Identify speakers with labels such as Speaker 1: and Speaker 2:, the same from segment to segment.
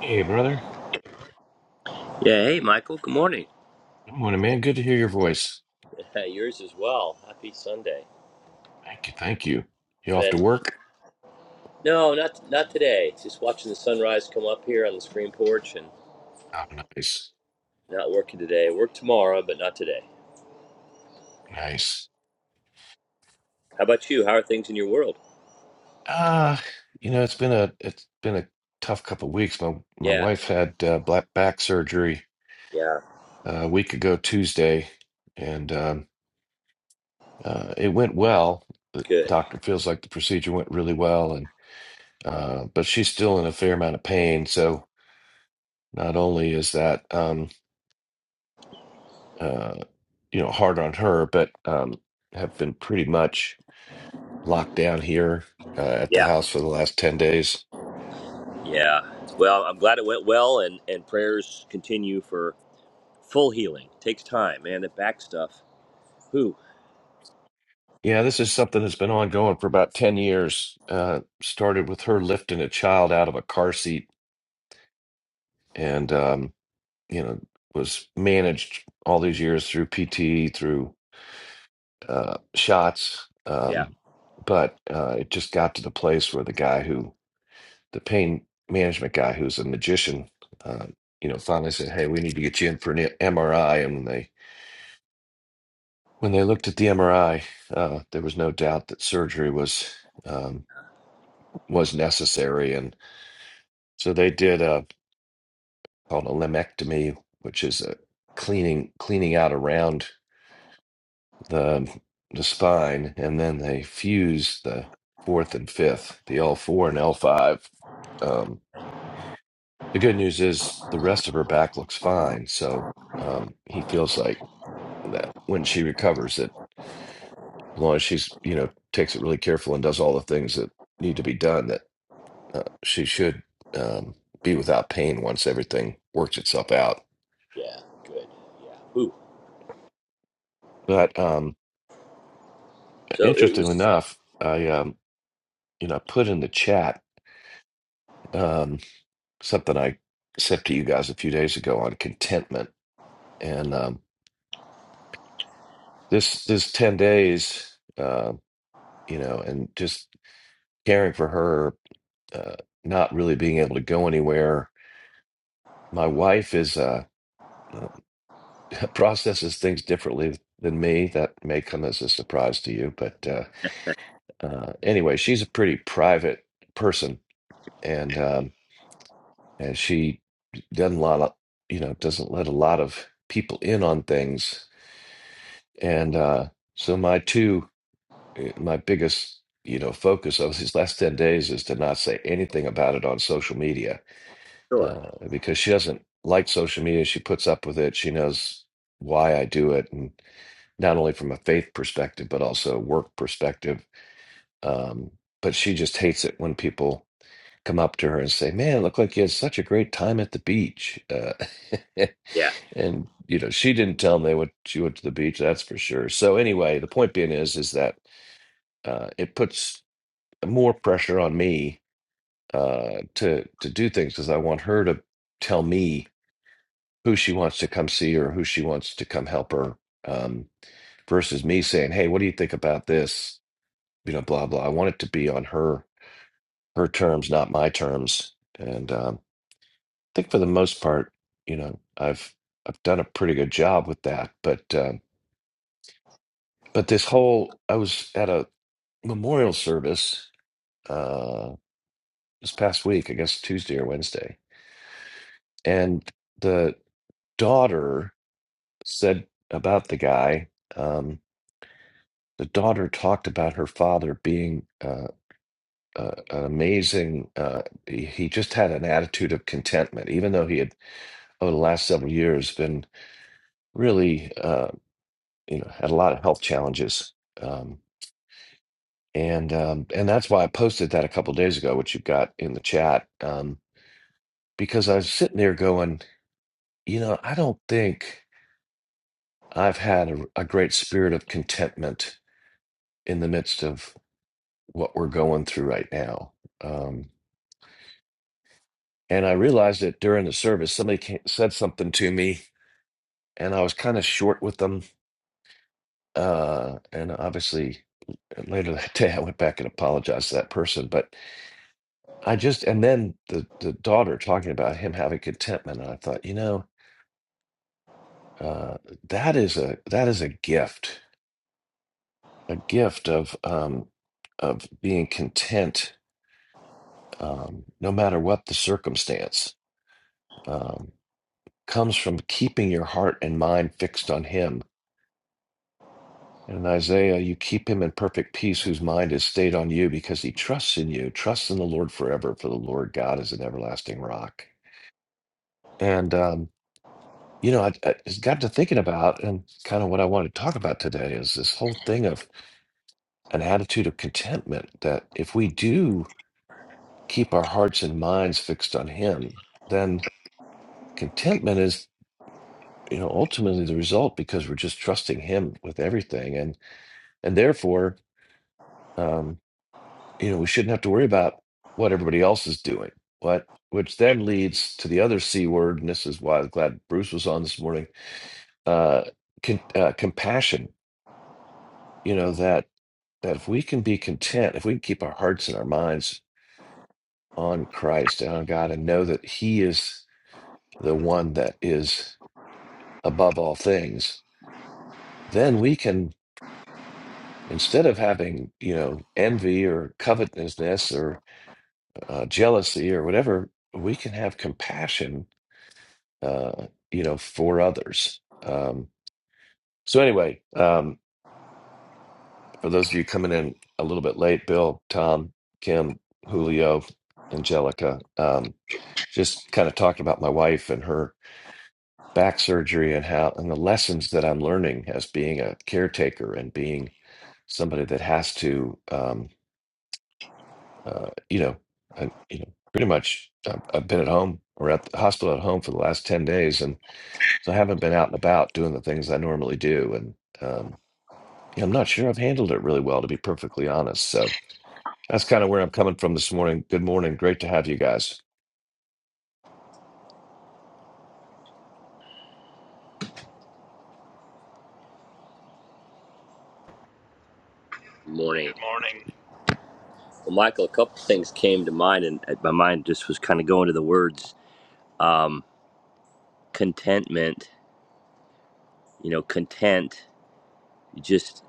Speaker 1: Hey, brother.
Speaker 2: Yeah, hey Michael, good morning.
Speaker 1: Good morning, man. Good to hear your voice.
Speaker 2: Yours as well. Happy Sunday.
Speaker 1: Thank you. Thank you. You off
Speaker 2: Been
Speaker 1: to work?
Speaker 2: no, not not today. Just watching the sunrise come up here on the screen porch and
Speaker 1: Oh, nice.
Speaker 2: not working today. Work tomorrow, but not today.
Speaker 1: Nice.
Speaker 2: How about you? How are things in your world?
Speaker 1: Uh, you know, it's been a it's been a tough couple of weeks. My my
Speaker 2: Yeah,
Speaker 1: wife had uh, black back surgery
Speaker 2: yeah,
Speaker 1: uh, a week ago Tuesday, and um, uh, it went well. The
Speaker 2: good.
Speaker 1: doctor feels like the procedure went really well, and uh, but she's still in a fair amount of pain. So not only is that um, uh, you know hard on her, but um, have been pretty much locked down here uh, at the
Speaker 2: Yeah,
Speaker 1: house for the last 10 days.
Speaker 2: yeah. Well, I'm glad it went well, and and prayers continue for full healing. Takes time, man. The back stuff. Who?
Speaker 1: Yeah, this is something that's been ongoing for about 10 years. Uh, started with her lifting a child out of a car seat and, um, you know, was managed all these years through PT, through uh, shots.
Speaker 2: Yeah,
Speaker 1: Um, but uh, it just got to the place where the guy who, the pain management guy who's a magician, uh, you know, finally said, Hey, we need to get you in for an MRI. And when they When they looked at the MRI, uh, there was no doubt that surgery was um, was necessary, and so they did a called a lumpectomy, which is a cleaning cleaning out around the the spine, and then they fused the fourth and fifth, the L four and L five. Um, the good news is the rest of her back looks fine, so um, he feels like that when she recovers, that as long as she's you know takes it really careful and does all the things that need to be done, that Uh, she should um, be without pain once everything works itself out.
Speaker 2: yeah, good. Yeah, who?
Speaker 1: But um,
Speaker 2: So it
Speaker 1: interestingly
Speaker 2: was
Speaker 1: enough, I um, you know put in the chat um, something I sent to you guys a few days ago on contentment, and um, this this ten days, uh, you know, and just caring for her, uh, not really being able to go anywhere. My wife is uh, processes things differently than me. That may come as a surprise to you, but. Uh, uh, anyway, she's a pretty private person, and um, and she doesn't lot of, you know doesn't let a lot of people in on things. And uh, so my two eh, my biggest you know focus of these last ten days is to not say anything about it on social media
Speaker 2: sure.
Speaker 1: uh, because she doesn't like social media. She puts up with it. She knows why I do it, and not only from a faith perspective but also a work perspective. Um, but she just hates it when people come up to her and say, "Man, look like you had such a great time at the beach." Uh,
Speaker 2: Yeah,
Speaker 1: and you know, she didn't tell me what she went to the beach. That's for sure. So anyway, the point being is, is that uh, it puts more pressure on me uh, to to do things because I want her to tell me who she wants to come see or who she wants to come help her, um, versus me saying, "Hey, what do you think about this?" You know, blah blah. I want it to be on her her terms, not my terms. And um, I think for the most part, you know, I've I've done a pretty good job with that. But uh, but this whole I was at a memorial service uh, this past week, I guess Tuesday or Wednesday, and the daughter said about the guy. Um, the daughter talked about her father being uh, uh, an amazing. Uh, he he just had an attitude of contentment, even though he had over the last several years been really. Uh, you know had a lot of health challenges um, and um, and that's why i posted that a couple days ago which you got in the chat um, because i was sitting there going you know i don't think i've had a, a great spirit of contentment in the midst of what we're going through right now um, and i realized that during the service somebody came, said something to me and i was kind of short with them uh, and obviously later that day i went back and apologized to that person but I just and then the the daughter talking about him having contentment, and I thought, you know, uh, that is a that is a gift, a gift of um, of being content, um, no matter what the circumstance, um, comes from keeping your heart and mind fixed on Him. And in Isaiah, you keep him in perfect peace, whose mind is stayed on you, because he trusts in you. Trust in the Lord forever, for the Lord God is an everlasting rock. And um, you know, I, I just got to thinking about and kind of what I want to talk about today is this whole thing of an attitude of contentment that if we do keep our hearts and minds fixed on Him, then contentment is, you know, ultimately the result because we're just trusting Him with everything, and and therefore, um, you know, we shouldn't have to worry about what everybody else is doing. What which then leads to the other C word, and this is why I'm glad Bruce was on this morning. Uh, con- uh, compassion. You know that that if we can be content, if we can keep our hearts and our minds on Christ and on God and know that He is the one that is above all things, then we can, instead of having, you know, envy or covetousness or uh, jealousy or whatever, we can have compassion, uh, you know, for others. Um, so, anyway, um, for those of you coming in a little bit late, Bill, Tom, Kim, Julio, Angelica. um, just kind of talking about my wife and her back surgery and how and the lessons that I'm learning as being a caretaker and being somebody that has to, um, uh, you know, I, you know, pretty much I've, I've been at home or at the hospital at home for the last ten days, and so I haven't been out and about doing the things I normally do, and um, yeah, I'm not sure I've handled it really well, to be perfectly honest. So that's kind of where I'm coming from this morning. Good morning, great to have you guys.
Speaker 2: morning.
Speaker 3: Good morning.
Speaker 2: Well, Michael, a couple things came to mind, and uh, my mind just was kind of going to the words um, contentment. You know, content. You just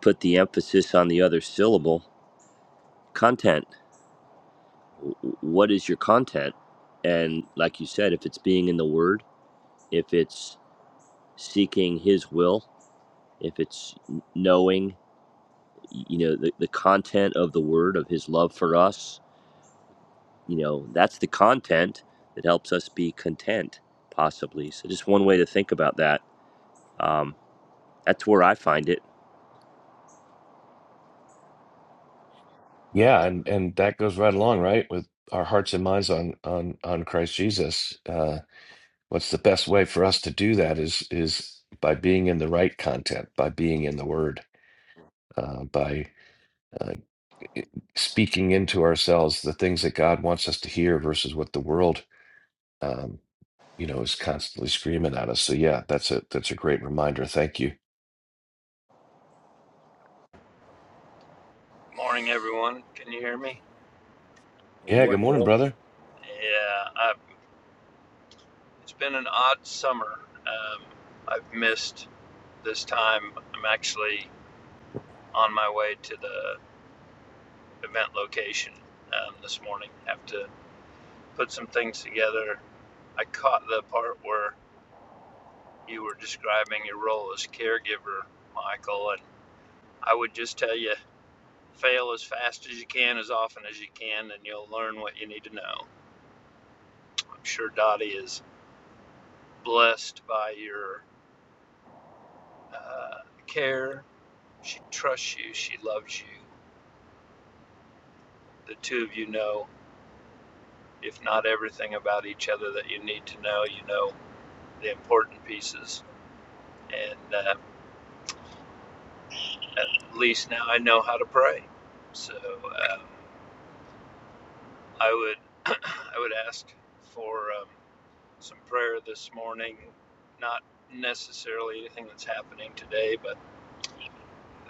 Speaker 2: put the emphasis on the other syllable. Content. W- What is your content? And like you said, if it's being in the Word, if it's seeking His will, if it's knowing, you know, the, the content of the Word of His love for us, you know that's the content that helps us be content possibly so just one way to think about that um, that's where i find it
Speaker 1: Yeah, and and that goes right along, right, with our hearts and minds on on on Christ Jesus. Uh, what's the best way for us to do that is is by being in the right content, by being in the Word, uh, by uh, speaking into ourselves the things that God wants us to hear versus what the world, um, you know, is constantly screaming at us. So yeah, that's a that's a great reminder. Thank you.
Speaker 3: Morning, everyone. Can you hear me?
Speaker 2: good
Speaker 1: Yeah, good
Speaker 2: morning
Speaker 1: morning,
Speaker 2: bill
Speaker 1: brother.
Speaker 3: Yeah, I've, it's been an odd summer. Um, I've missed this time. I'm actually on my way to the event location um, this morning. I Have to put some things together. I caught the part where you were describing your role as caregiver, Michael, and I would just tell you fail as fast as you can, as often as you can, and you'll learn what you need to know. I'm sure Dottie is blessed by your uh, care. She trusts you. She loves you. The two of you know, if not everything about each other that you need to know, you know the important pieces. And uh, at least now I know how to pray. So um, I would I would ask for um, some prayer this morning. Not necessarily anything that's happening today, but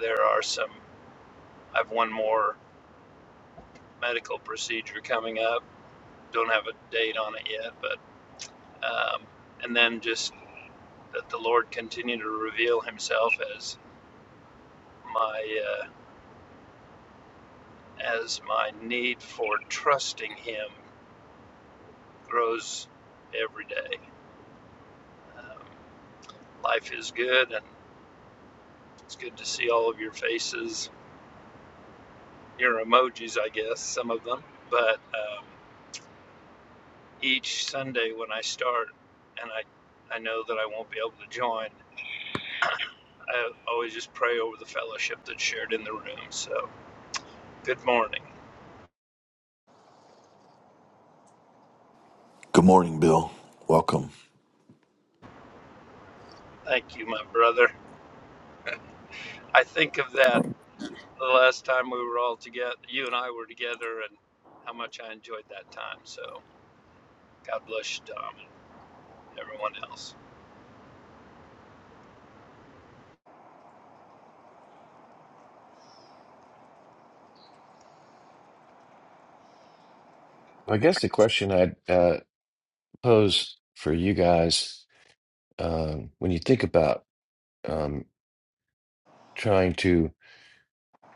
Speaker 3: there are some. I have one more medical procedure coming up. Don't have a date on it yet, but um, and then just that the Lord continue to reveal Himself as my uh, as my need for trusting Him grows every day. Um, life is good, and it's good to see all of your faces, your emojis, I guess some of them. But um, each Sunday when I start, and I I know that I won't be able to join. I always just pray over the fellowship that's shared in the room. So, good morning.
Speaker 4: Good morning, Bill. Welcome.
Speaker 3: Thank you, my brother. I think of that the last time we were all together, you and I were together, and how much I enjoyed that time. So God bless you, Tom, and everyone else.
Speaker 1: I guess the question I'd uh, pose for you guys um, when you think about um, trying to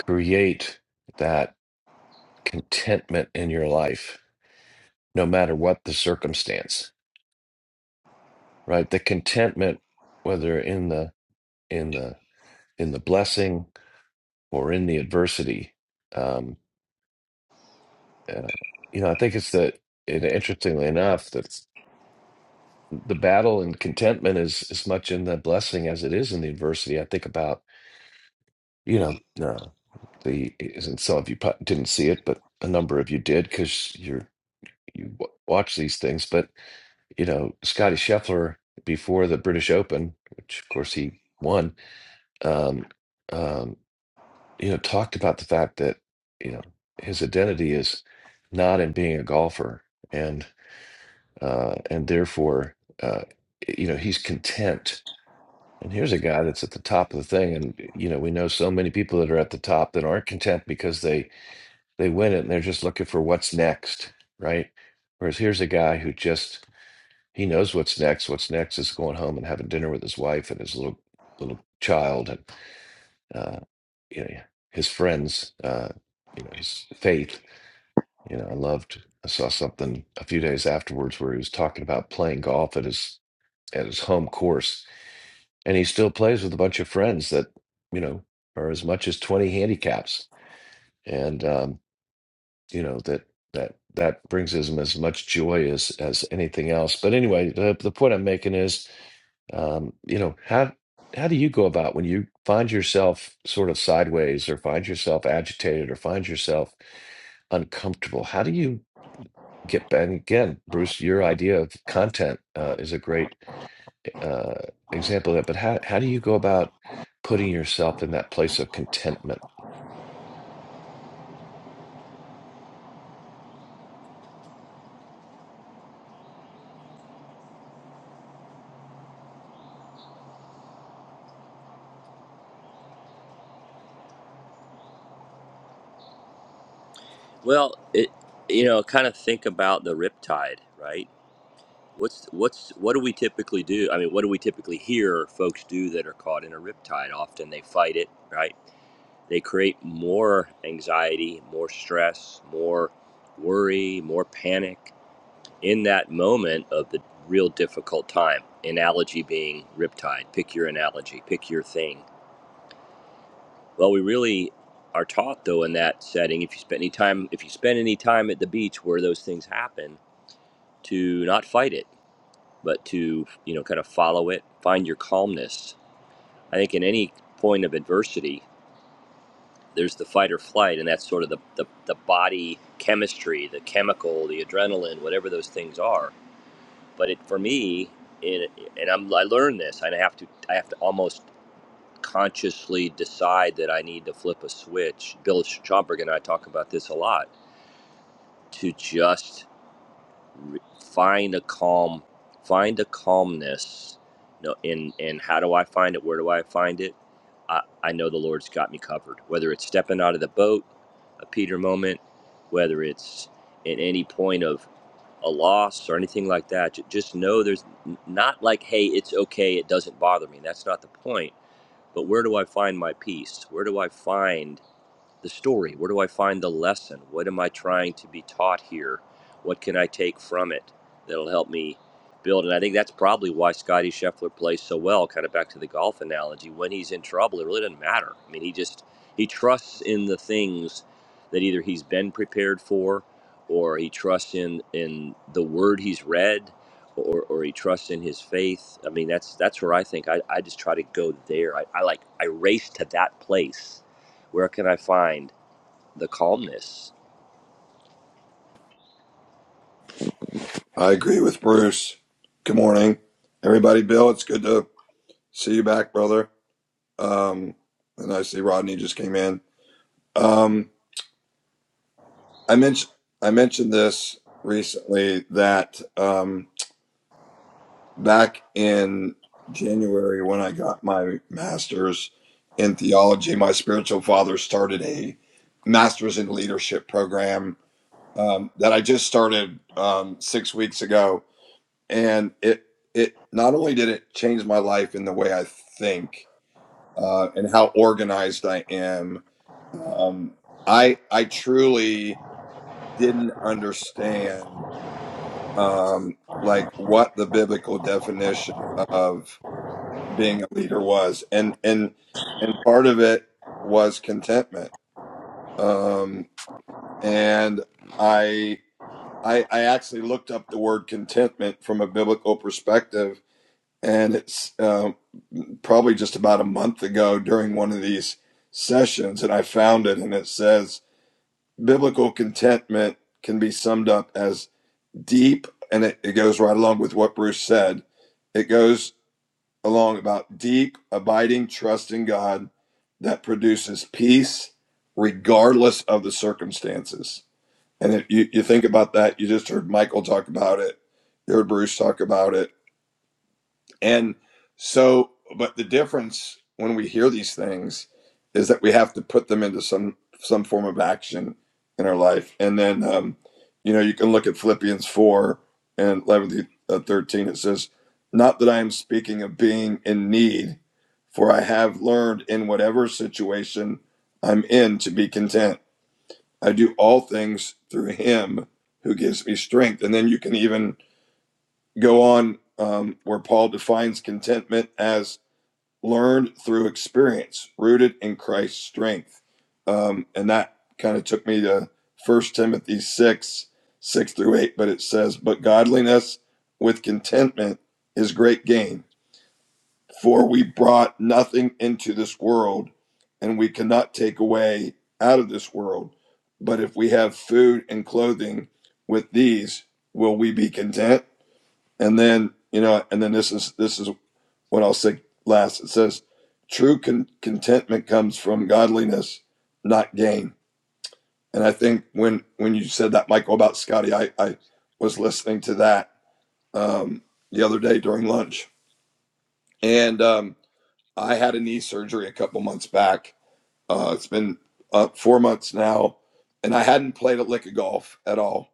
Speaker 1: create that contentment in your life, no matter what the circumstance, right? The contentment, whether in the in the in the blessing or in the adversity, um, uh, you know, I think it's that. And interestingly enough, that the battle and contentment is as much in the blessing as it is in the adversity. I think about you know uh, the and some of you pro- didn't see it, but a number of you did because you're you w- watch these things, but you know, Scotty Scheffler before the British Open, which of course he won, um, um, you know, talked about the fact that, you know, his identity is not in being a golfer and uh and therefore uh you know, he's content. And here's a guy that's at the top of the thing and you know, we know so many people that are at the top that aren't content because they they win it and they're just looking for what's next, right? Whereas here's a guy who just He knows what's next. What's next is going home and having dinner with his wife and his little little child and uh, you know his friends. Uh, you know his faith. You know I loved. I saw something a few days afterwards where he was talking about playing golf at his at his home course, and he still plays with a bunch of friends that you know are as much as twenty handicaps. And um, you know that that that brings them as much joy as as anything else but anyway the, the point i'm making is um you know how how do you go about when you find yourself sort of sideways or find yourself agitated or find yourself uncomfortable how do you get back and again bruce your idea of content uh, is a great uh, example of that but how, how do you go about putting yourself in that place of contentment
Speaker 2: well it you know kind of think about the riptide right what's what's what do we typically do i mean what do we typically hear folks do that are caught in a riptide often they fight it right they create more anxiety more stress more worry more panic in that moment of the real difficult time. Analogy being riptide. Pick your analogy, pick your thing. Well, we really are taught though in that setting, if you spend any time if you spend any time at the beach where those things happen, to not fight it, but to, you know, kind of follow it, find your calmness. I think in any point of adversity, there's the fight or flight, and that's sort of the, the, the body chemistry, the chemical, the adrenaline, whatever those things are but it for me it, and I'm, i learned this i have to i have to almost consciously decide that i need to flip a switch bill schomburg and i talk about this a lot to just re- find a calm find a calmness No, know, and and how do i find it where do i find it I, I know the lord's got me covered whether it's stepping out of the boat a peter moment whether it's at any point of a loss or anything like that. Just know there's not like, hey, it's okay, it doesn't bother me. That's not the point. But where do I find my peace? Where do I find the story? Where do I find the lesson? What am I trying to be taught here? What can I take from it that'll help me build? And I think that's probably why Scottie Scheffler plays so well, kind of back to the golf analogy. When he's in trouble, it really doesn't matter. I mean, he just he trusts in the things that either he's been prepared for or he trusts in in the word he's read or, or he trusts in his faith. I mean, that's that's where I think I, I just try to go there. I, I like I race to that place. Where can I find? the calmness
Speaker 5: I agree with Bruce. Good morning, everybody. Bill, it's good to see you back, brother. Um, and I see Rodney just came in. Um, I mentioned I mentioned this recently that um, back in January when I got my master's in theology, my spiritual father started a master's in leadership program um, that I just started um, six weeks ago and it it not only did it change my life in the way I think uh, and how organized I am. Um, I I truly didn't understand um, like what the biblical definition of being a leader was, and and and part of it was contentment. Um, and I I I actually looked up the word contentment from a biblical perspective, and it's um, probably just about a month ago during one of these sessions, and I found it, and it says biblical contentment can be summed up as deep, and it, it goes right along with what Bruce said. It goes along about deep, abiding trust in God that produces peace regardless of the circumstances. And if you, you think about that, you just heard Michael talk about it, you heard Bruce talk about it and so, but the difference when we hear these things is that we have to put them into some some form of action in our life. And then, um, you know, you can look at Philippians four and eleven through uh, thirteen. It says, "Not that I am speaking of being in need, for I have learned in whatever situation I'm in to be content. I do all things through Him who gives me strength." And then you can even go on um, where Paul defines contentment as learned through experience, rooted in Christ's strength. Um, and that kind of took me to First Timothy 6, 6 through 8. But it says, But godliness with contentment is great gain, for we brought nothing into this world, and we cannot take away out of this world. But if we have food and clothing with these, will we be content? And then, you know, and then this is this is what I'll say last. It says, true con- contentment comes from godliness, not gain. And I think when when you said that, Michael, about Scotty, I, I was listening to that um, the other day during lunch, and um, I had a knee surgery a couple months back. Uh, it's been uh, four months now, and I hadn't played a lick of golf at all.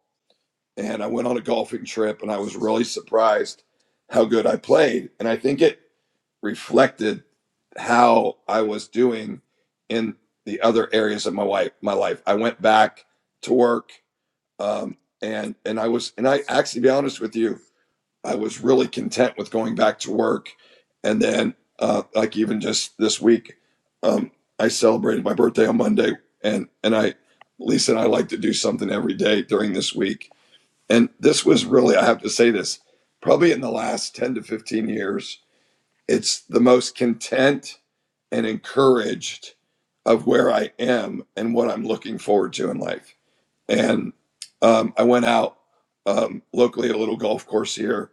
Speaker 5: And I went on a golfing trip, and I was really surprised how good I played. And I think it reflected how I was doing in the other areas of my life. My life. I went back to work, um, and and I was, and I actually, to be honest with you, I was really content with going back to work. And then, uh, like even just this week, um, I celebrated my birthday on Monday, and and I, Lisa and I like to do something every day during this week. And this was really, I have to say this, probably in the last ten to fifteen years it's the most content and encouraged of where I am and what I'm looking forward to in life. And um, I went out um, locally at a little golf course here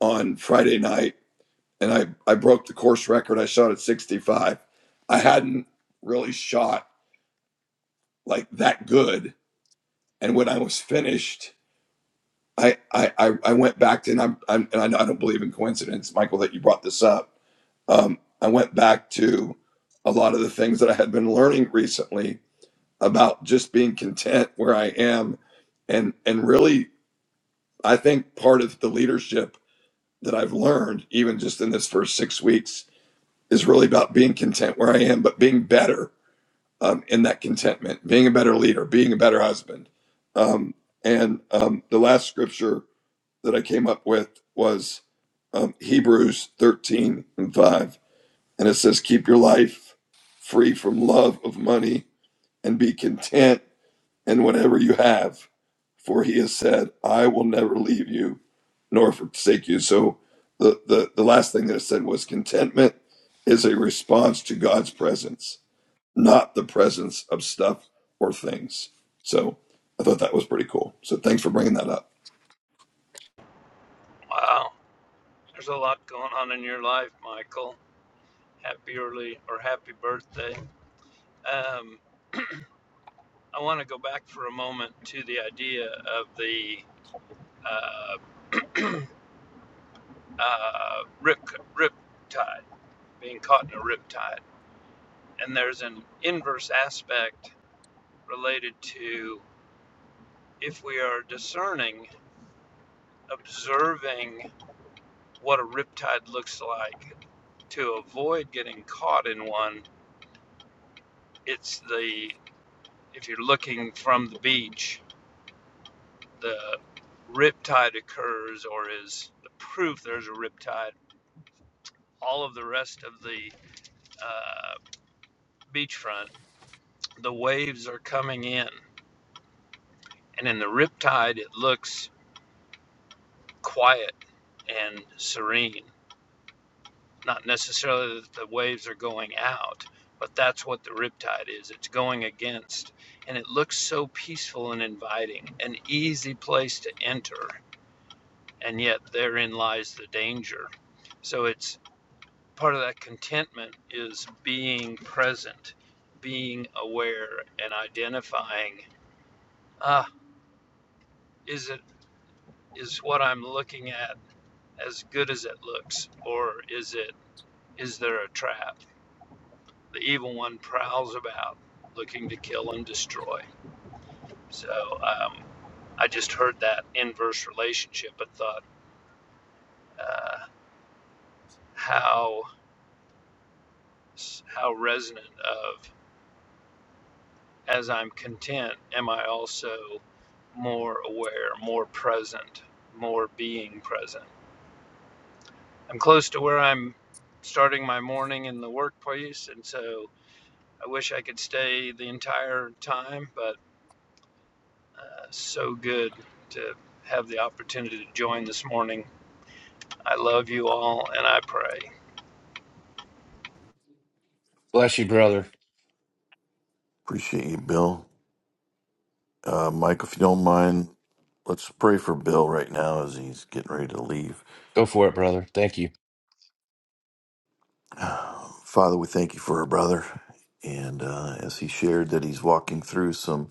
Speaker 5: on Friday night, and I I broke the course record. I shot at 65. I hadn't really shot like that good. And when I was finished, I I I I went back to and I'm, I'm and I know I don't believe in coincidence, Michael, that you brought this up um, I went back to a lot of the things that I had been learning recently about just being content where I am, and and really, I think part of the leadership that I've learned, even just in this first six weeks, is really about being content where I am, but being better um, in that contentment, being a better leader, being a better husband. Um, and um, the last scripture that I came up with was um, Hebrews thirteen and five and it says, keep your life free from love of money and be content in whatever you have. For he has said, I will never leave you nor forsake you. So the, the, the last thing that it said was contentment is a response to God's presence, not the presence of stuff or things. So I thought that was pretty cool. So thanks for bringing that up.
Speaker 3: Wow, there's a lot going on in your life, Michael. Happy early or happy birthday. Um, I want to go back for a moment to the idea of the uh, uh, rip rip tide being caught in a rip tide, and there's an inverse aspect related to if we are discerning observing what a riptide looks like to avoid getting caught in one. It's the, if you're looking from the beach, the riptide occurs or is the proof there's a riptide. All of the rest of the uh, beachfront, the waves are coming in. And in the riptide, it looks quiet and serene. not necessarily that the waves are going out, but that's what the riptide is. It's going against. And it looks so peaceful and inviting, an easy place to enter. And yet therein lies the danger. So it's part of that contentment is being present, being aware, and identifying ah, is it is what I'm looking at as good as it looks, or is it is there a trap? The evil one prowls about looking to kill and destroy. So um, I just heard that inverse relationship and thought uh, how how resonant of as I'm content, am I also more aware, more present, more being present? I'm close to where I'm starting my morning in the workplace, and so I wish I could stay the entire time, but uh, so good to have the opportunity to join this morning I love you all and I pray.
Speaker 1: bless you brother
Speaker 4: Appreciate you, Bill. Uh, Mike, if you don't mind, let's pray for Bill right now as he's getting ready to leave.
Speaker 1: go for it brother thank you
Speaker 4: Father, we thank you for our brother. And uh, as he shared that he's walking through some,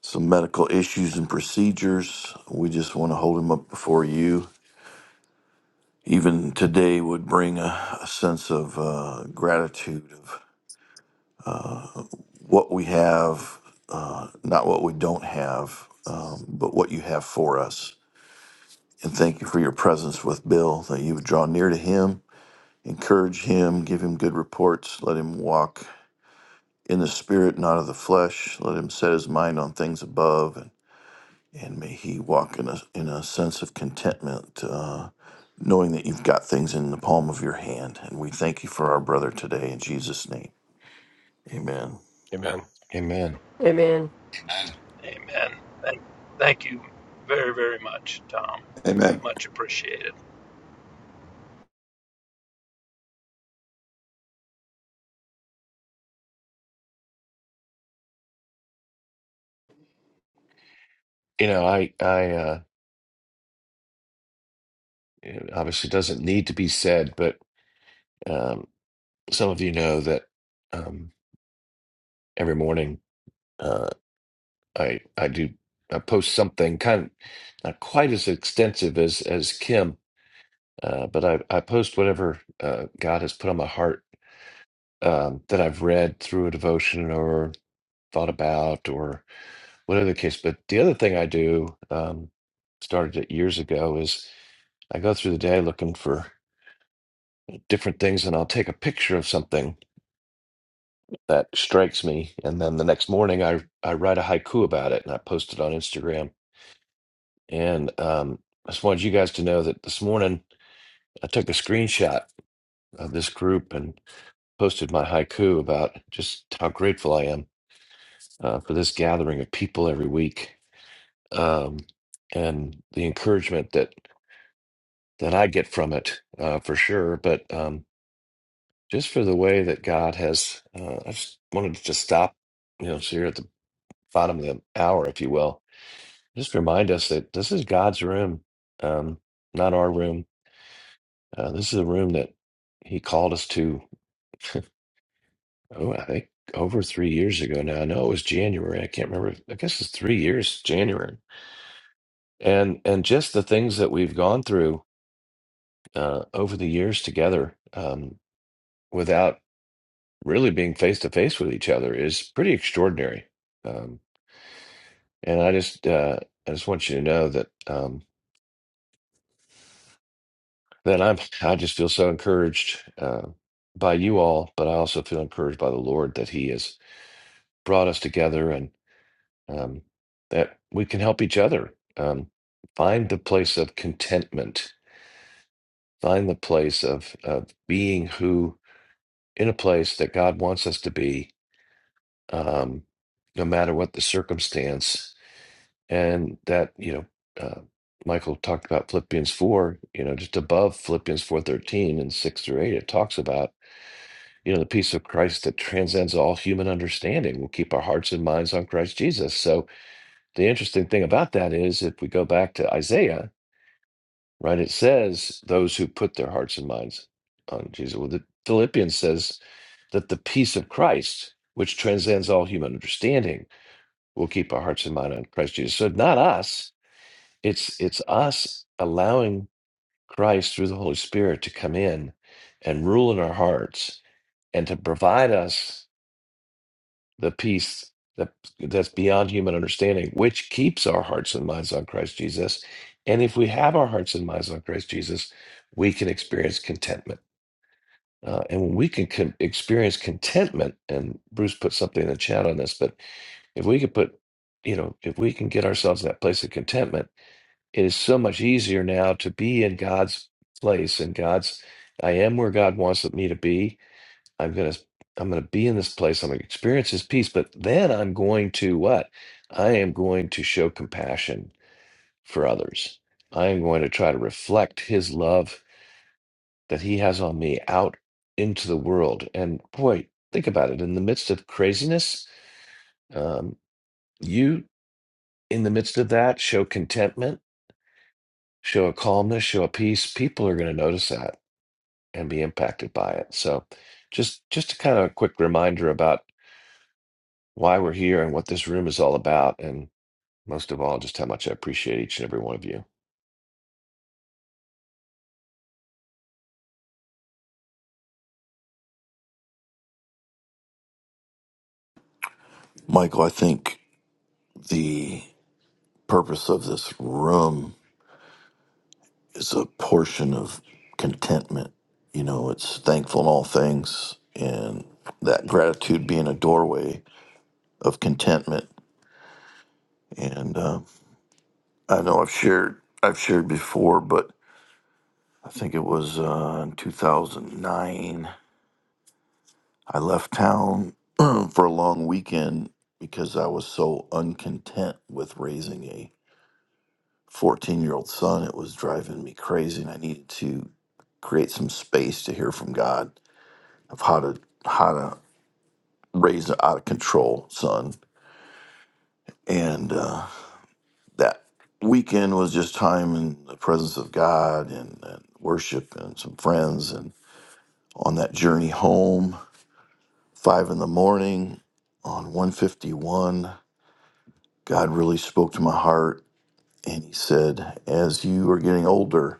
Speaker 4: some medical issues and procedures, we just want to hold him up before you. Even today would bring a, a sense of uh, gratitude of what we have, uh, not what we don't have, um, but what you have for us and thank you for your presence with Bill, that you would draw near to him, encourage him, give him good reports, let him walk in the spirit, not of the flesh, let him set his mind on things above, and, and may he walk in a, in a sense of contentment, uh, knowing that you've got things in the palm of your hand. And we thank you for our brother today in Jesus' name. Amen.
Speaker 6: Amen.
Speaker 1: amen
Speaker 7: Amen.
Speaker 8: And
Speaker 3: Amen. Thank, you very, very much, Tom.
Speaker 5: Amen.
Speaker 3: Much appreciated.
Speaker 1: You know, I, I, uh, it obviously doesn't need to be said, but um, some of you know that um, every morning uh, I, I do, I post something kind of not quite as extensive as as Kim, uh, but I, I post whatever uh, God has put on my heart um, that I've read through a devotion or thought about or whatever the case. But the other thing I do, um, started it years ago, is I go through the day looking for. different things and I'll take a picture of something that strikes me and then the next morning I I write a haiku about it and I post it on Instagram and um I just wanted you guys to know that this morning I took a screenshot of this group and posted my haiku about just how grateful I am uh, for this gathering of people every week um and the encouragement that that I get from it uh for sure but um just for the way that God has uh, I just wanted to just stop you know, so you're at the bottom of the hour, if you will, just remind us that this is God's room, um, not our room. Uh, this is a room that He called us to, oh, I think over three years ago now. I know it was January. I can't remember. I guess it's three years, January. And, and just the things that we've gone through uh, over the years together um, without really being face to face with each other is pretty extraordinary. Um, and I just, uh, I just want you to know that. Um, Then I'm I just feel so encouraged uh, by you all, but I also feel encouraged by the Lord that He has brought us together and um, that we can help each other um, find the place of contentment, find the place of of being who in a place that God wants us to be, um, no matter what the circumstance, and that you know. Uh, Michael talked about Philippians 4, you know, just above Philippians 4:13 and 6 through 8 it talks about you know, the peace of Christ that transcends all human understanding will keep our hearts and minds on Christ Jesus. So, the interesting thing about that is if we go back to Isaiah, right, it says those who put their hearts and minds on Jesus. Well, the Philippians says that the peace of Christ, which transcends all human understanding, will keep our hearts and mind on Christ Jesus. So, not us, it's it's us allowing Christ through the Holy Spirit to come in and rule in our hearts and to provide us the peace that that's beyond human understanding, which keeps our hearts and minds on Christ Jesus. And if we have our hearts and minds on Christ Jesus, we can experience contentment. Uh, and when we can con- experience contentment, and Bruce put something in the chat on this, but if we could put, you know, if we can get ourselves in that place of contentment, it is so much easier now to be in God's place and God's. I am where God wants me to be I'm gonna I'm gonna be in this place. I'm gonna experience his peace, but then I'm going to what? I am going to show compassion for others. I am going to try to reflect his love that he has on me out into the world. And boy, think about it. In the midst of craziness, um, you in the midst of that show contentment, show a calmness, show a peace. People are going to notice that and be impacted by it. So, just just a kind of a quick reminder about why we're here and what this room is all about, and most of all, just how much I appreciate each and every one of you.
Speaker 4: Michael, I think the purpose of this room is a portion of contentment. You know, it's thankful in all things, and that gratitude being a doorway of contentment. And uh, I know I've shared I've shared before, but I think it was uh, in 2009. I left town for a long weekend because I was so uncontent with raising a 14 year old son. It was driving me crazy, and I needed to create some space to hear from God of how to how to raised out of control, son. And uh, that weekend was just time in the presence of God and, and worship and some friends. And on that journey home, five in the morning on 151, God really spoke to my heart. And he said, As you are getting older,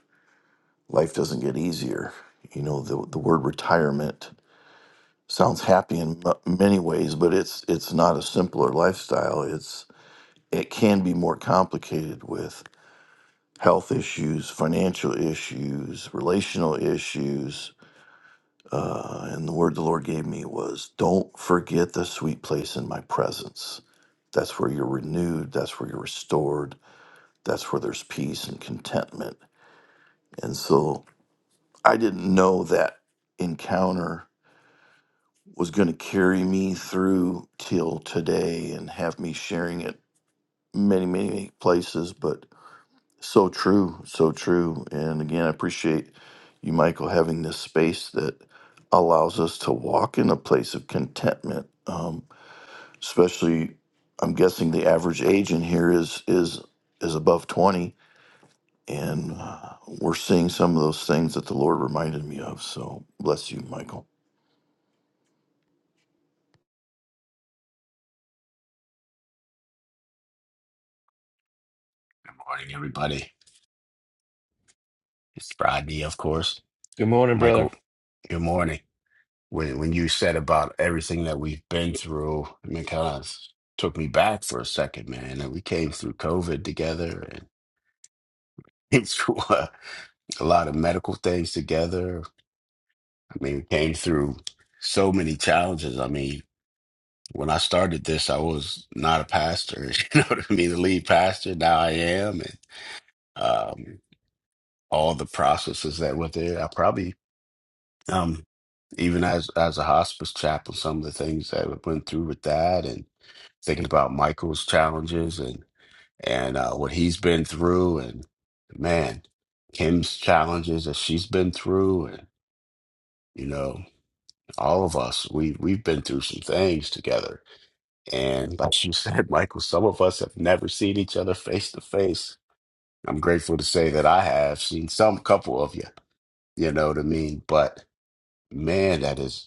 Speaker 4: life doesn't get easier. You know, the, the word retirement sounds happy in m- many ways, but it's it's not a simpler lifestyle. it can be more complicated with health issues, financial issues, relational issues. Uh, and the word the Lord gave me was don't forget the sweet place in my presence. That's where you're renewed, that's where you're restored, that's where there's peace and contentment. And so I didn't know that encounter was going to carry me through till today and have me sharing it many, many places. But So true, so true. And again, I appreciate you, Michael, having this space that allows us to walk in a place of contentment. Um, especially, I'm guessing the average age in here is is is above 20, and uh, we're seeing some of those things that the Lord reminded me of. So bless you, Michael.
Speaker 8: good morning, everybody. It's Friday, of course.
Speaker 1: Good morning, brother.
Speaker 8: Michael, good morning. When when you said about everything that we've been through, I mean, kind of took me back for a second, man. And we came through COVID together and came through uh, a lot of medical things together. I mean, we came through so many challenges. I mean, when I started this, I was not a pastor. You know what I mean? The lead pastor. Now I am, and um, all the processes that were there. I probably Um, even as as a hospice chaplain, some of the things that I went through with that, and thinking about Michael's challenges and and uh, what he's been through, and man, Kim's challenges that she's been through, and you know, all of us we we've been through some things together. And like you said, Michael, some of us have never seen each other face to face. I'm grateful to say that I have seen some couple of you. You know what I mean? But man, that is.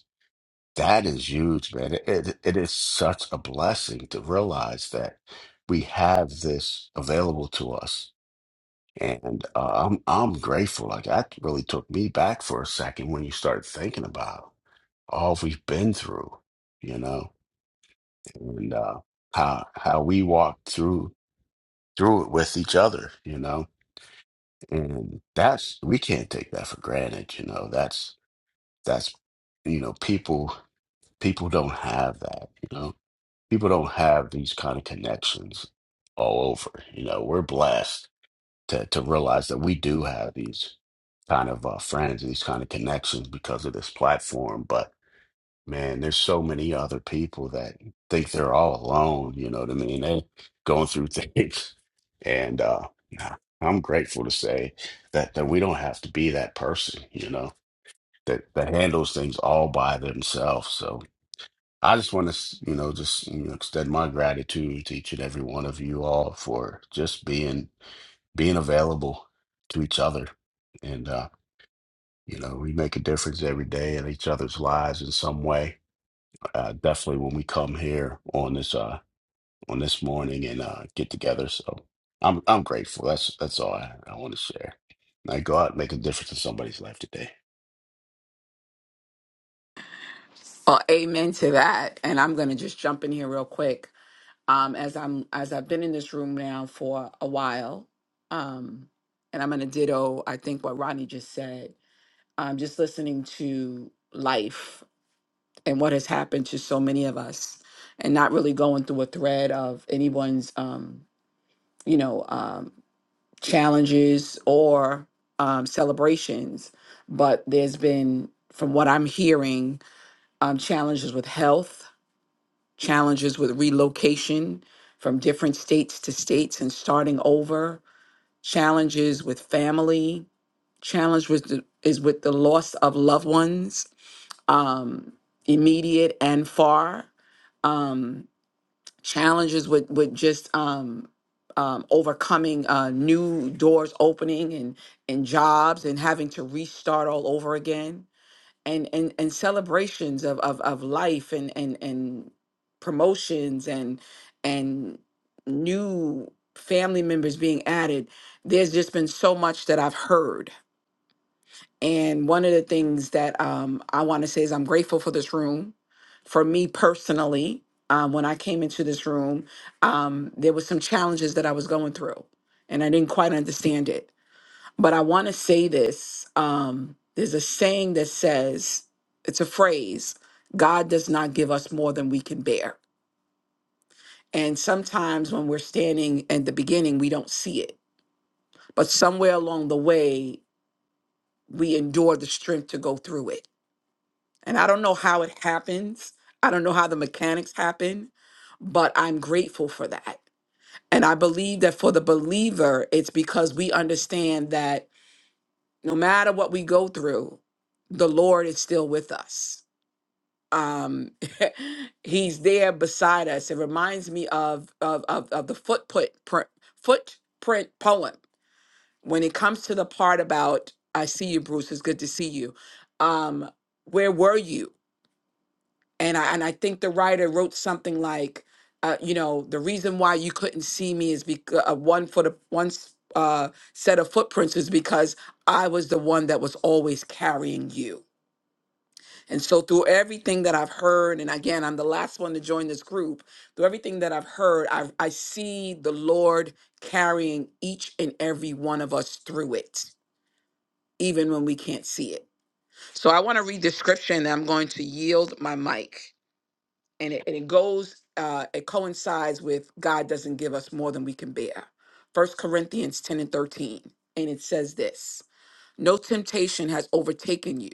Speaker 8: That is huge, man. It, it it is such a blessing to realize that we have this available to us. And uh, I'm I'm grateful. Like that really took me back for a second when you start thinking about all we've been through, you know, and uh, how how we walk through through it with each other, you know. And that's we can't take that for granted, you know. That's that's you know, people people don't have that, you know people don't have these kind of connections all over. You know, we're blessed to to realize that we do have these kind of uh, friends, these kind of connections because of this platform. But man, there's so many other people that think they're all alone. You know what I mean? They going through things, and uh, nah, I'm grateful to say that that we don't have to be that person. You know. That, that handles things all by themselves. So I just want to, you know, just you know, extend my gratitude to each and every one of you all for just being being available to each other, and uh, you know, we make a difference every day in each other's lives in some way. Uh, definitely when we come here on this uh on this morning and uh, get together. So I'm I'm grateful. That's that's all I, I want to share. I go out and make a difference in somebody's life today.
Speaker 9: Well, amen to that. And I'm going to just jump in here real quick. Um, as I'm as I've been in this room now for a while, um, and I'm going to ditto. I think what Ronnie just said. Um, just listening to life and what has happened to so many of us, and not really going through a thread of anyone's, um, you know, um, challenges or um, celebrations. But there's been, from what I'm hearing, um, challenges with health challenges with relocation from different states to states and starting over, challenges with family, challenge with the, is with the loss of loved ones, um, immediate and far, um, challenges with with just um, um, overcoming uh, new doors opening and and jobs and having to restart all over again and and and celebrations of of of life and and and promotions and and new family members being added there's just been so much that i've heard and one of the things that um, i want to say is i'm grateful for this room for me personally um, when i came into this room um, there was some challenges that i was going through and i didn't quite understand it but I want to say this. Um, there's a saying that says, it's a phrase, God does not give us more than we can bear. And sometimes when we're standing at the beginning, we don't see it. But somewhere along the way, we endure the strength to go through it. And I don't know how it happens, I don't know how the mechanics happen, but I'm grateful for that. And I believe that for the believer, it's because we understand that no matter what we go through, the Lord is still with us. Um, he's there beside us. It reminds me of of of, of the footprint print, footprint poem. When it comes to the part about "I see you, Bruce. It's good to see you." Um, where were you? and I and I think the writer wrote something like, uh, you know, the reason why you couldn't see me is because uh, one foot of one s- uh, set of footprints is because I was the one that was always carrying you. And so through everything that I've heard, and again, I'm the last one to join this group. Through everything that I've heard, I I see the Lord carrying each and every one of us through it, even when we can't see it. So I want to read the scripture, and I'm going to yield my mic and it, and it goes uh it coincides with god doesn't give us more than we can bear first corinthians 10 and 13 and it says this no temptation has overtaken you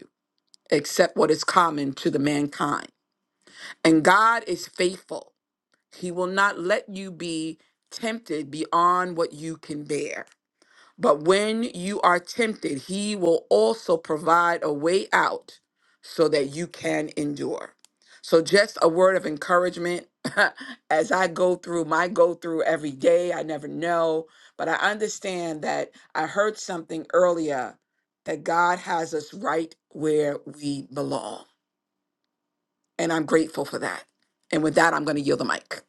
Speaker 9: except what is common to the mankind and god is faithful he will not let you be tempted beyond what you can bear but when you are tempted, he will also provide a way out so that you can endure. So, just a word of encouragement as I go through my go through every day. I never know, but I understand that I heard something earlier that God has us right where we belong. And I'm grateful for that. And with that, I'm going to yield the mic.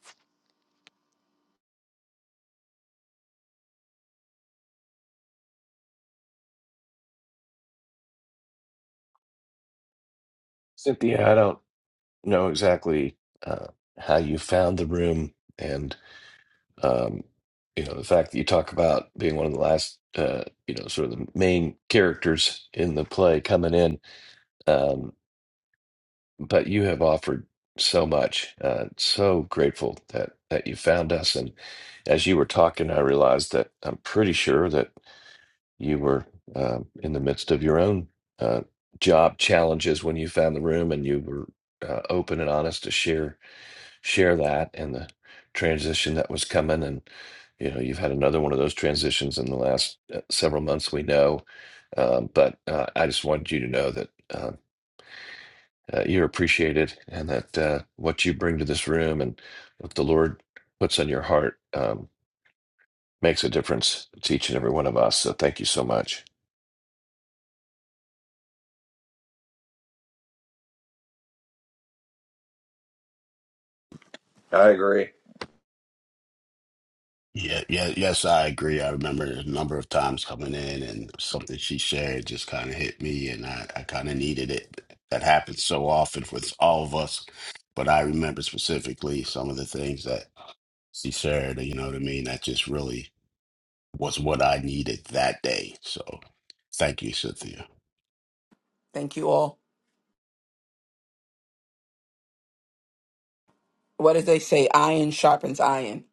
Speaker 1: Cynthia, I don't know exactly uh, how you found the room, and um, you know the fact that you talk about being one of the last, uh, you know, sort of the main characters in the play coming in, um, but you have offered so much. Uh, so grateful that that you found us, and as you were talking, I realized that I'm pretty sure that. you were uh, in the midst of your own uh, job challenges when you found the room, and you were uh, open and honest to share share that and the transition that was coming. And you know, you've had another one of those transitions in the last uh, several months. We know, um, but uh, I just wanted you to know that. Uh, uh, you're appreciated, and that uh, what you bring to this room and what the Lord puts on your heart um, makes a difference to each and every one of us. So, thank you so much.
Speaker 5: I agree.
Speaker 8: Yeah, yeah, yes, I agree. I remember a number of times coming in and something she shared just kind of hit me and I, I kind of needed it. That happens so often with all of us. But I remember specifically some of the things that she shared, you know what I mean? That just really was what I needed that day. So thank you, Cynthia.
Speaker 9: Thank you all. What did they say? Iron sharpens iron.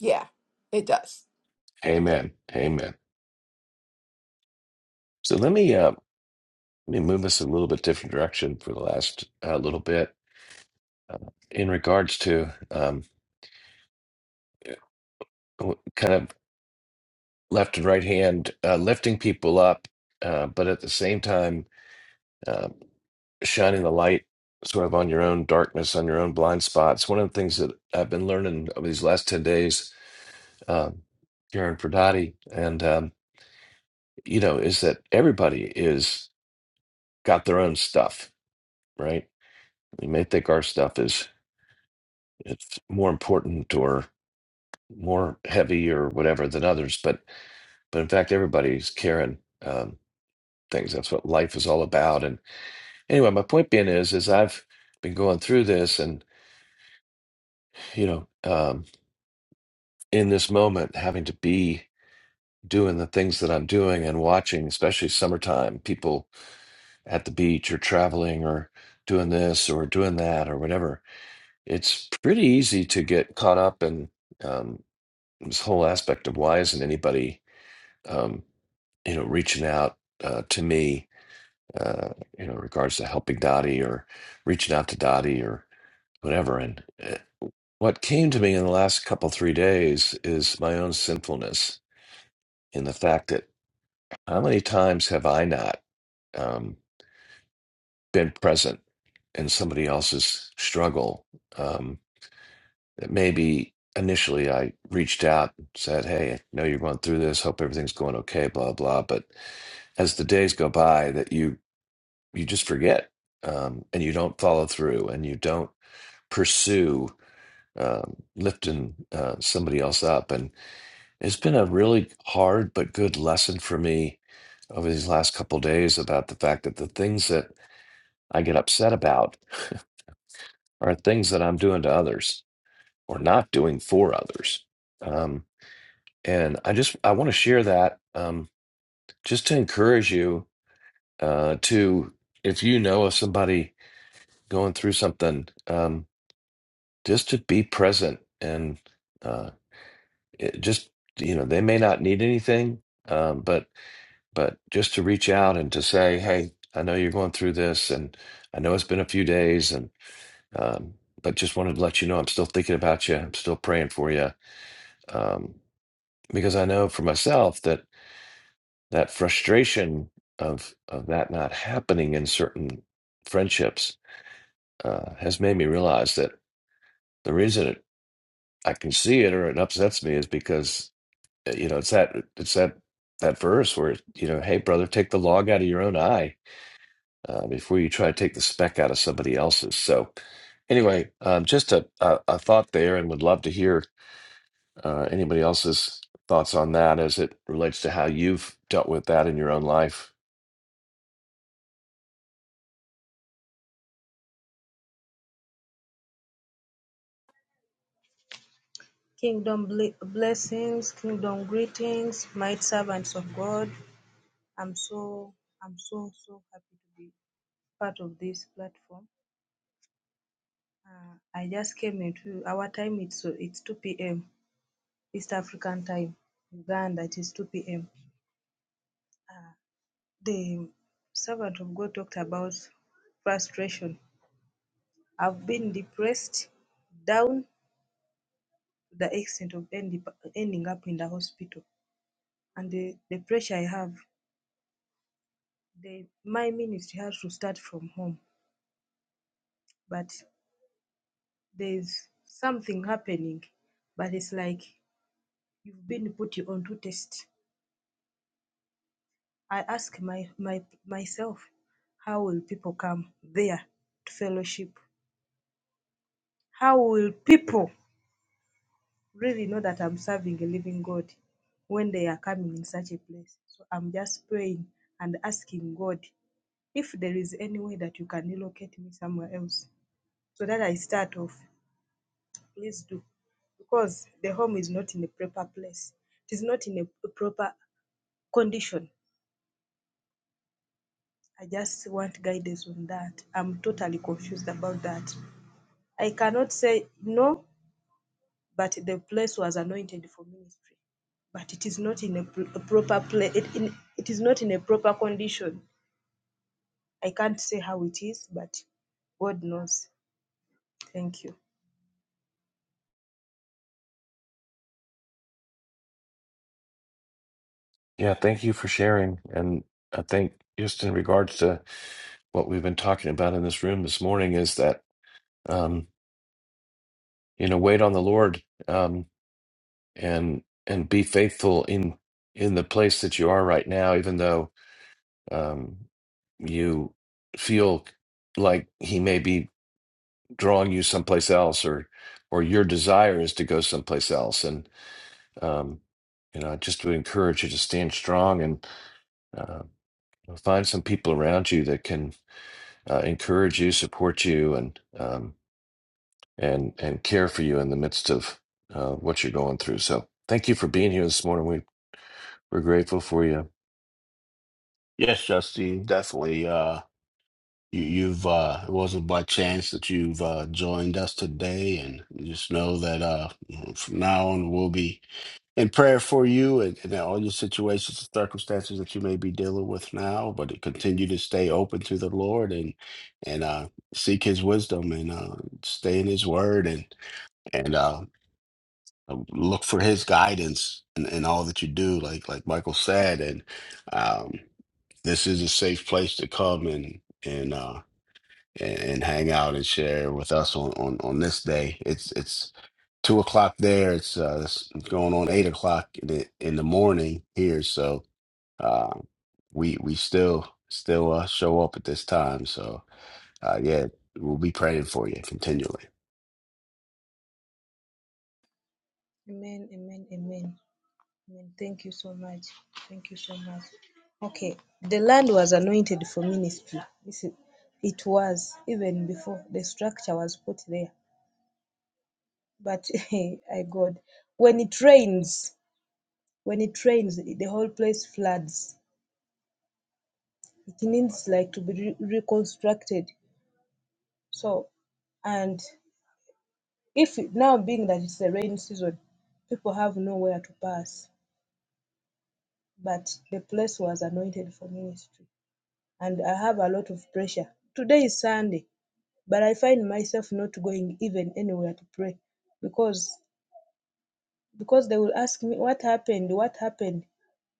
Speaker 9: Yeah, it does.
Speaker 1: Amen. Amen. So let me uh, let me move us a little bit different direction for the last uh, little bit uh, in regards to um, w- kind of left and right hand uh, lifting people up, uh, but at the same time uh, shining the light sort of on your own darkness, on your own blind spots. One of the things that I've been learning over these last ten days um, here in Pradati, and um, you know, is that everybody is got their own stuff, right? We may think our stuff is. it's more important or more heavy or whatever than others but but in fact everybody's carrying um, things that's what life is all about and anyway my point being is is i've been going through this and you know um, in this moment having to be doing the things that i'm doing and watching especially summertime people at the beach or traveling or doing this or doing that or whatever it's pretty easy to get caught up in um, this whole aspect of why isn't anybody um, you know, reaching out uh, to me, uh, you know, in regards to helping Dottie or reaching out to Dottie or whatever. And uh, what came to me in the last couple, three days is my own sinfulness in the fact that how many times have I not um, been present in somebody else's struggle? Um, that maybe initially I reached out and said, Hey, I know you're going through this. Hope everything's going okay, blah, blah. But as the days go by, that you you just forget um, and you don't follow through and you don't pursue um, lifting uh, somebody else up and it's been a really hard but good lesson for me over these last couple days about the fact that the things that i get upset about are things that i'm doing to others or not doing for others um, and i just i want to share that um, just to encourage you uh, to if you know of somebody going through something um, just to be present and uh, it just you know they may not need anything um, but but just to reach out and to say hey i know you're going through this and i know it's been a few days and um, but just wanted to let you know i'm still thinking about you i'm still praying for you um, because i know for myself that that frustration of of that not happening in certain friendships uh, has made me realize that the reason it, i can see it or it upsets me is because uh, you know, it's that it's that that verse where you know, hey brother, take the log out of your own eye uh, before you try to take the speck out of somebody else's. So anyway, um, just a, a a thought there, and would love to hear uh, anybody else's thoughts on that as it relates to how you've dealt with that in your own life.
Speaker 10: Kingdom ble- blessings, kingdom greetings, might servants of God. I'm so I'm so so happy to be part of this platform. Uh, I just came into our time. It's so it's 2 p.m. East African time, Uganda. It is 2 p.m. Uh, the servant of God talked about frustration. I've been depressed down to the extent of end, ending up in the hospital, and the, the pressure I have they, my ministry has to start from home, but there's something happening, but it's like you've been put onto test. I ask my, my myself, how will people come there to fellowship? How will people really know that I'm serving a living God when they are coming in such a place? So I'm just praying and asking God if there is any way that you can relocate me somewhere else so that I start off please do because the home is not in a proper place. It is not in a proper condition. I just want guidance on that. I'm totally confused about that. I cannot say no, but the place was anointed for ministry, but it is not in a, pr- a proper place. It, in, it is not in a proper condition. I can't say how it is, but God knows. Thank you.
Speaker 1: Yeah, thank you for sharing, and I think just in regards to what we've been talking about in this room this morning is that um, you know, wait on the Lord. Um, and and be faithful in in the place that you are right now even though um you feel like he may be drawing you someplace else or or your desire is to go someplace else and um you know I just would encourage you to stand strong and uh, find some people around you that can uh, encourage you support you and um and and care for you in the midst of uh, what you're going through so thank you for being here this morning We. We're grateful for you.
Speaker 8: Yes, Justine, definitely. Uh, you, you've uh, it wasn't by chance that you've uh, joined us today, and just know that uh, from now on we'll be in prayer for you and, and all your situations and circumstances that you may be dealing with now, but to continue to stay open to the Lord and and uh, seek His wisdom and uh, stay in His Word and and uh, look for His guidance in, in all that you do. Like like Michael said, and um, this is a safe place to come and and. uh, and, and hang out and share with us on, on, on this day. It's it's two o'clock there. It's, uh, it's going on eight o'clock in the, in the morning here. So uh, we we still still uh, show up at this time. So uh, yeah, we'll be praying for you continually.
Speaker 10: Amen, amen, amen. Amen. Thank you so much. Thank you so much. Okay. The land was anointed for ministry. This is, it was even before the structure was put there. But I God, when it rains, when it rains, the whole place floods. It needs like to be re- reconstructed. So, and if it- now being that it's the rain season, people have nowhere to pass. But the place was anointed for ministry. and I have a lot of pressure. Today is Sunday, but I find myself not going even anywhere to pray because because they will ask me what happened, what happened,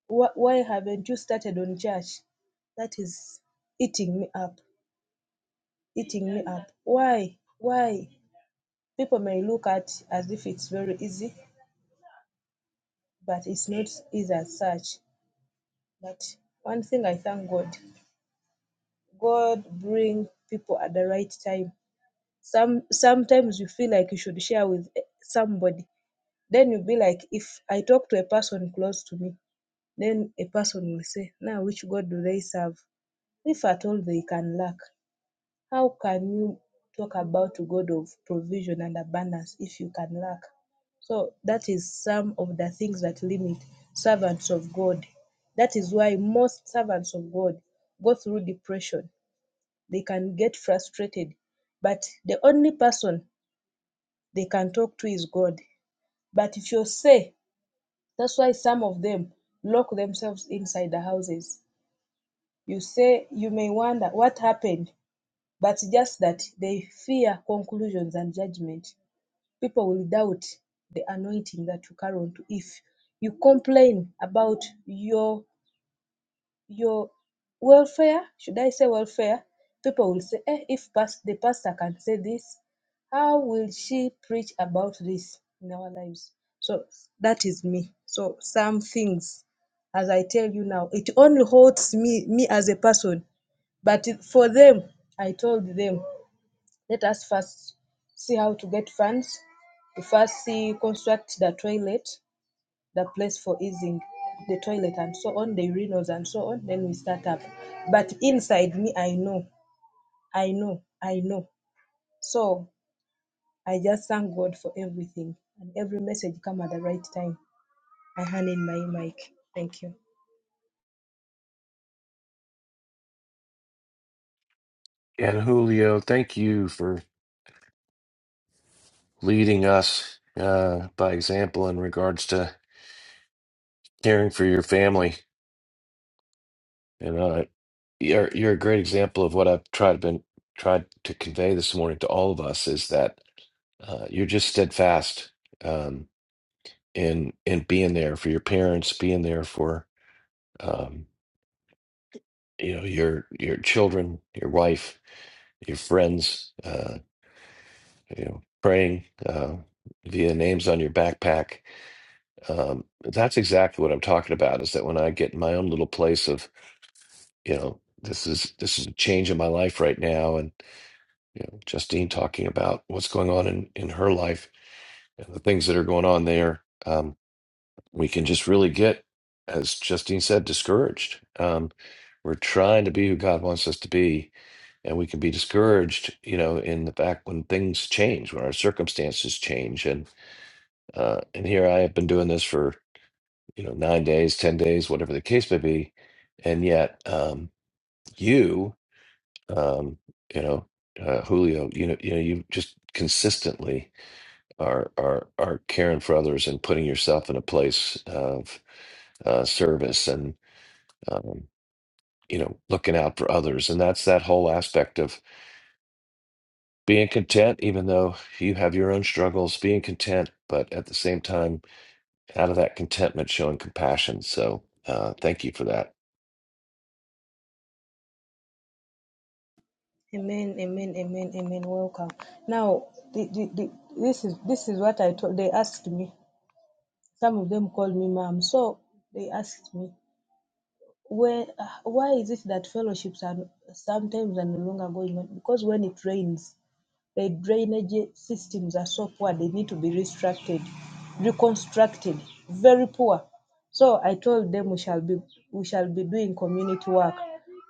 Speaker 10: Wh- why haven't you started on church? That is eating me up, eating me up. Why, why? People may look at as if it's very easy, but it's not easy as such. But one thing I thank God, God bring people at the right time. some sometimes you feel like you should share with eh, somebody then you'll be like if i talk to a person close to me then a person will say now which god do they serve if at all they can lack how can you talk about a god of provision and abundance if you can lack so that is some of the things that limit servants of god that is why most servants of god go through depression they can get frustrated but the only person they can talk to is God. But if you say, that's why some of them lock themselves inside the houses. You say, you may wonder what happened, but just that they fear conclusions and judgment. People will doubt the anointing that you carry on to. If you complain about your your welfare, should I say welfare? People will say, eh, if past, the pastor can say this, how will she preach about this in our lives? So that is me. So some things, as I tell you now, it only holds me, me as a person. But it- for them, I told them, let us first see how to get funds, to first see construct the toilet, the place for easing, the toilet and so on, the urinals and so on. Then we start up. But inside me, I know, I know, I know. So I just thank God for everything and every message come at the right time. I hand in my mic. Thank you.
Speaker 1: And Julio, thank you for leading us uh, by example in regards to caring for your family. And uh, you're you're a great example of what I've tried been tried to convey this morning to all of us is that uh, you're just steadfast um, in in being there for your parents, being there for um, you know your your children, your wife, your friends. Uh, you know, praying uh, via names on your backpack. Um, that's exactly what I'm talking about. Is that when I get in my own little place of, you know, this is this is a change in my life right now, and you know, Justine talking about what's going on in in her life and the things that are going on there. Um, we can just really get, as Justine said, discouraged. Um, we're trying to be who God wants us to be, and we can be discouraged, you know, in the fact when things change, when our circumstances change, and. Uh, and here I have been doing this for, you know, nine days, 10 days, whatever the case may be. And yet, um, you, um, you know, uh, Julio, you know, you know, you just consistently are are are caring for others and putting yourself in a place of uh, service and um, you know looking out for others, and that's that whole aspect of being content, even though you have your own struggles, being content, but at the same time out of that contentment, showing compassion. So uh, thank you for that.
Speaker 10: Amen, amen, amen, amen. Welcome. Now, the, the, the, this is this is what I told. They asked me. Some of them called me mom. So they asked me. Where, ah, why is it that fellowships are sometimes are no longer going on? Because when it rains, the drainage systems are so poor, they need to be restructured, reconstructed, very poor. So I told them we shall be we shall be doing community work,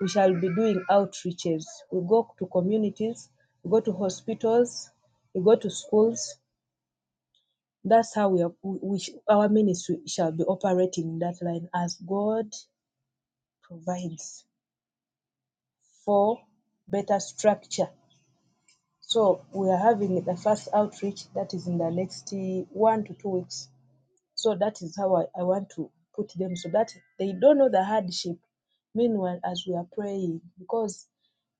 Speaker 10: we shall be doing outreaches. We go to communities, we go to hospitals, we go to schools. That's how we are. We, we sh- our ministry shall be operating in that line as God provides. for better structure. So we are having the first outreach that is in the next eh, one to two weeks. So that is how I, I want to put them so that they don't know the hardship. Meanwhile, as we are praying, because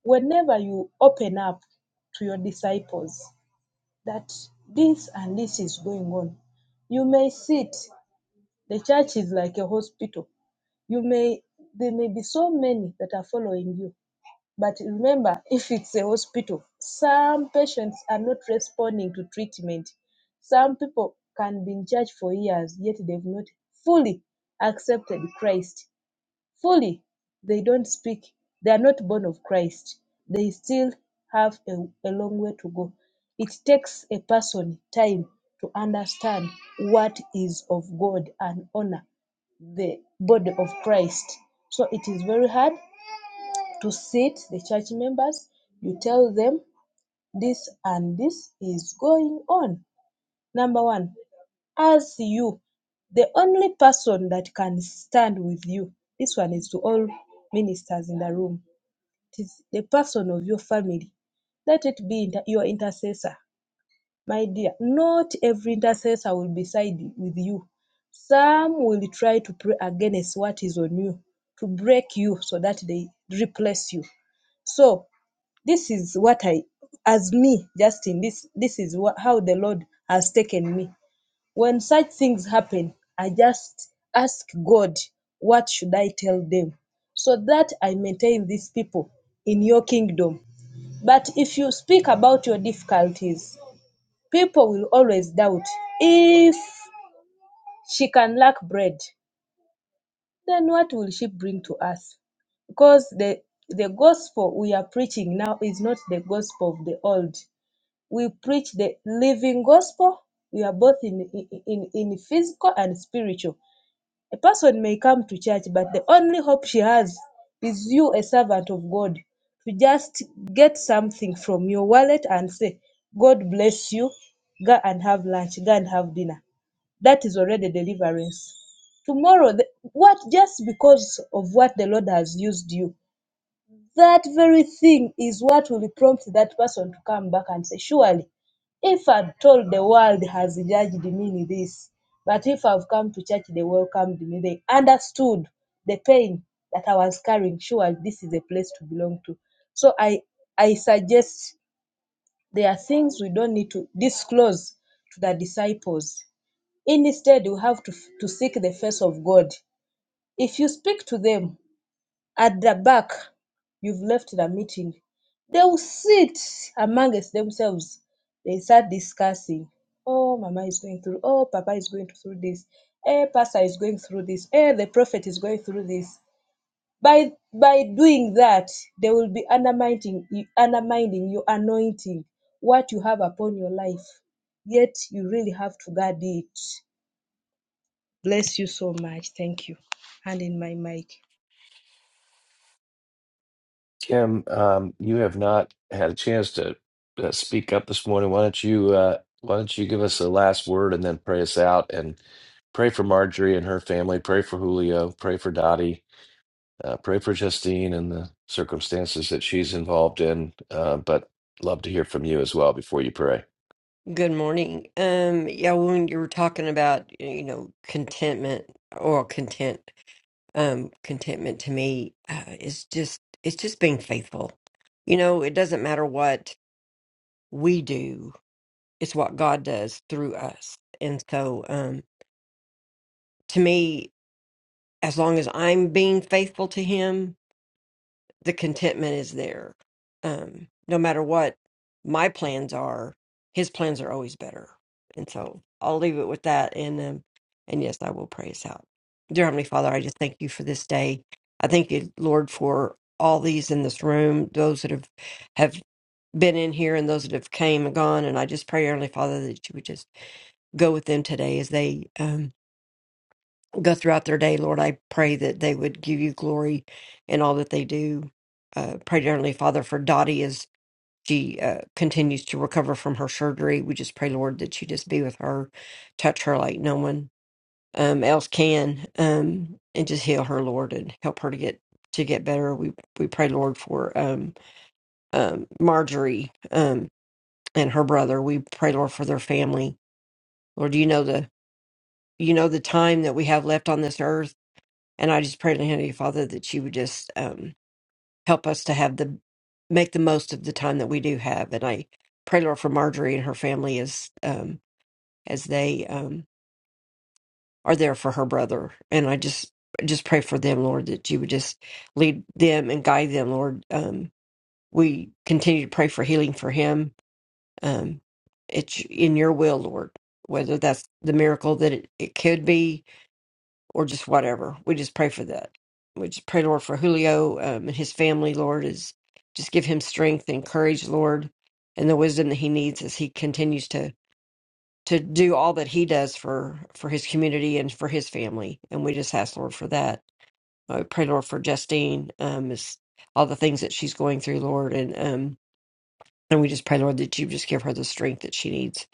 Speaker 10: whenever you open up to your disciples that this and this is going on, you may sit. The church is like a hospital. You may there may be so many that are following you, but remember, if it's a hospital, some patients are not responding to treatment. Some people can be in church for years, yet they've not fully accepted Christ. Fully, they don't speak. They are not born of Christ. They still have a, a long way to go. It takes a person time to understand what is of God and honor the body of Christ. So it is very hard to sit the church members you tell them this and this is going on number one as you the only person that can stand with you this one is to all ministers in the room it is the person of your family let it be inter- your intercessor my dear not every intercessor will be side with you some will try to pray against what is on you to break you so that they replace you so this is what I, as me, Justin, this, this is what, how the Lord has taken me. When such things happen, I just ask God, what should I tell them? So that I maintain these people in your kingdom. But if you speak about your difficulties, people will always doubt if she can lack bread, then what will she bring to us? Because the, the gospel we are preaching now is not the gospel of the old. We preach the living gospel. We are both in, in, in physical and spiritual. A person may come to church, but the only hope she has is you, a servant of God, to just get something from your wallet and say, God bless you. Go and have lunch. Go and have dinner. That is already deliverance. Tomorrow, the, what just because of what the Lord has used you, that very thing is what will prompt that person to come back and say, Surely, if I'm told the world has judged me in this, but if I've come to church, they welcomed me. They understood the pain that I was carrying. Surely, this is a place to belong to. So I, I suggest there are things we don't need to disclose to the disciples. Instead, you have to, to seek the face of God. If you speak to them, at the back, you've left the meeting. They will sit amongst themselves. They start discussing. Oh, Mama is going through. Oh, Papa is going through this. Eh, Pastor is going through this. Eh, the prophet is going through this. By by doing that, they will be undermining undermining your anointing, what you have upon your life. Yet you really have to guard it. Bless you so much. Thank you. Hand in my mic.
Speaker 1: Kim, um, you have not had a chance to uh, speak up this morning. Why don't you uh, why don't you give us a last word and then pray us out and pray for Marjorie and her family. Pray for Julio. Pray for Dottie. Uh, pray for Justine and the circumstances that she's involved in. Uh, but love to hear from you as well before you pray.
Speaker 7: Good morning. Um, yeah, when you were talking about, you know, contentment or content, um, contentment to me uh, is just it's just being faithful. You know, it doesn't matter what we do; it's what God does through us. And so, um, to me, as long as I'm being faithful to Him, the contentment is there. Um, no matter what my plans are, his plans are always better. And so I'll leave it with that. And um, and yes, I will pray us out. Dear Heavenly Father, I just thank you for this day. I thank you, Lord, for all these in this room, those that have have been in here and those that have came and gone. And I just pray, Heavenly Father, that you would just go with them today as they um, go throughout their day, Lord, I pray that they would give you glory in all that they do. Uh, pray, dear Heavenly Father, for Dottie as she uh, continues to recover from her surgery. We just pray, Lord, that you just be with her, touch her like no one um, else can, um, and just heal her, Lord, and help her to get to get better. We we pray, Lord, for um, um, Marjorie um, and her brother. We pray, Lord, for their family. Lord, you know the you know the time that we have left on this earth And I just pray, to Heavenly Father, that you would just um, help us to have the make the most of the time that we do have. And I pray, Lord, for Marjorie and her family as um, as they um, are there for her brother. And I just just pray for them, Lord, that you would just lead them and guide them, Lord. Um, we continue to pray for healing for him. Um, it's in your will, Lord. Whether that's the miracle that it, it could be, or just whatever. We just pray for that. We just pray, Lord, for Julio um, and his family, Lord, is just give him strength and courage, Lord, and the wisdom that he needs as he continues to to do all that he does for for his community and for his family. And we just ask, Lord, for that. I pray, Lord, for Justine, um, is all the things that she's going through, Lord, and um, and we just pray, Lord, that you just give her the strength that she needs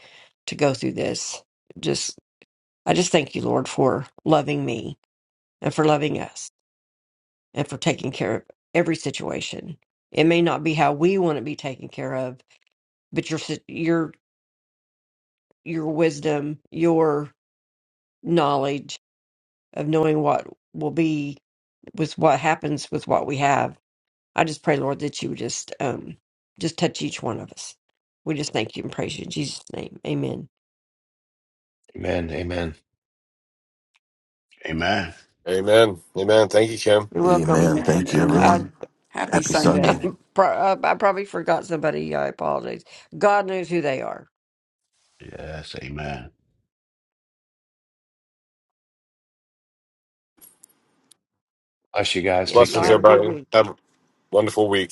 Speaker 7: to go through this. Just, I just thank you, Lord, for loving me and for loving us and for taking care of every situation. It may not be how we want to be taken care of, but your si- your your wisdom, your knowledge of knowing what will be with what happens with what we have. I just pray, Lord, that you would just um just touch each one of us. We just thank you and praise you in Jesus' name. Amen.
Speaker 1: Amen. Amen.
Speaker 8: Amen.
Speaker 6: Amen. Amen. Thank you, Kim.
Speaker 7: You're welcome.
Speaker 4: Amen.
Speaker 9: Amen.
Speaker 4: Thank you,
Speaker 7: I
Speaker 9: Amen.
Speaker 7: I,
Speaker 4: everyone.
Speaker 9: Happy
Speaker 4: Happy Sunday.
Speaker 9: Sunday.
Speaker 7: pro- I probably forgot somebody. I apologize. God knows who they are.
Speaker 8: Yes, amen.
Speaker 1: Us, you guys.
Speaker 7: Yeah,
Speaker 1: Take
Speaker 7: y'all
Speaker 6: Blessings,
Speaker 7: have a
Speaker 1: care.
Speaker 7: good
Speaker 6: everybody.
Speaker 7: week.
Speaker 6: Have a wonderful week.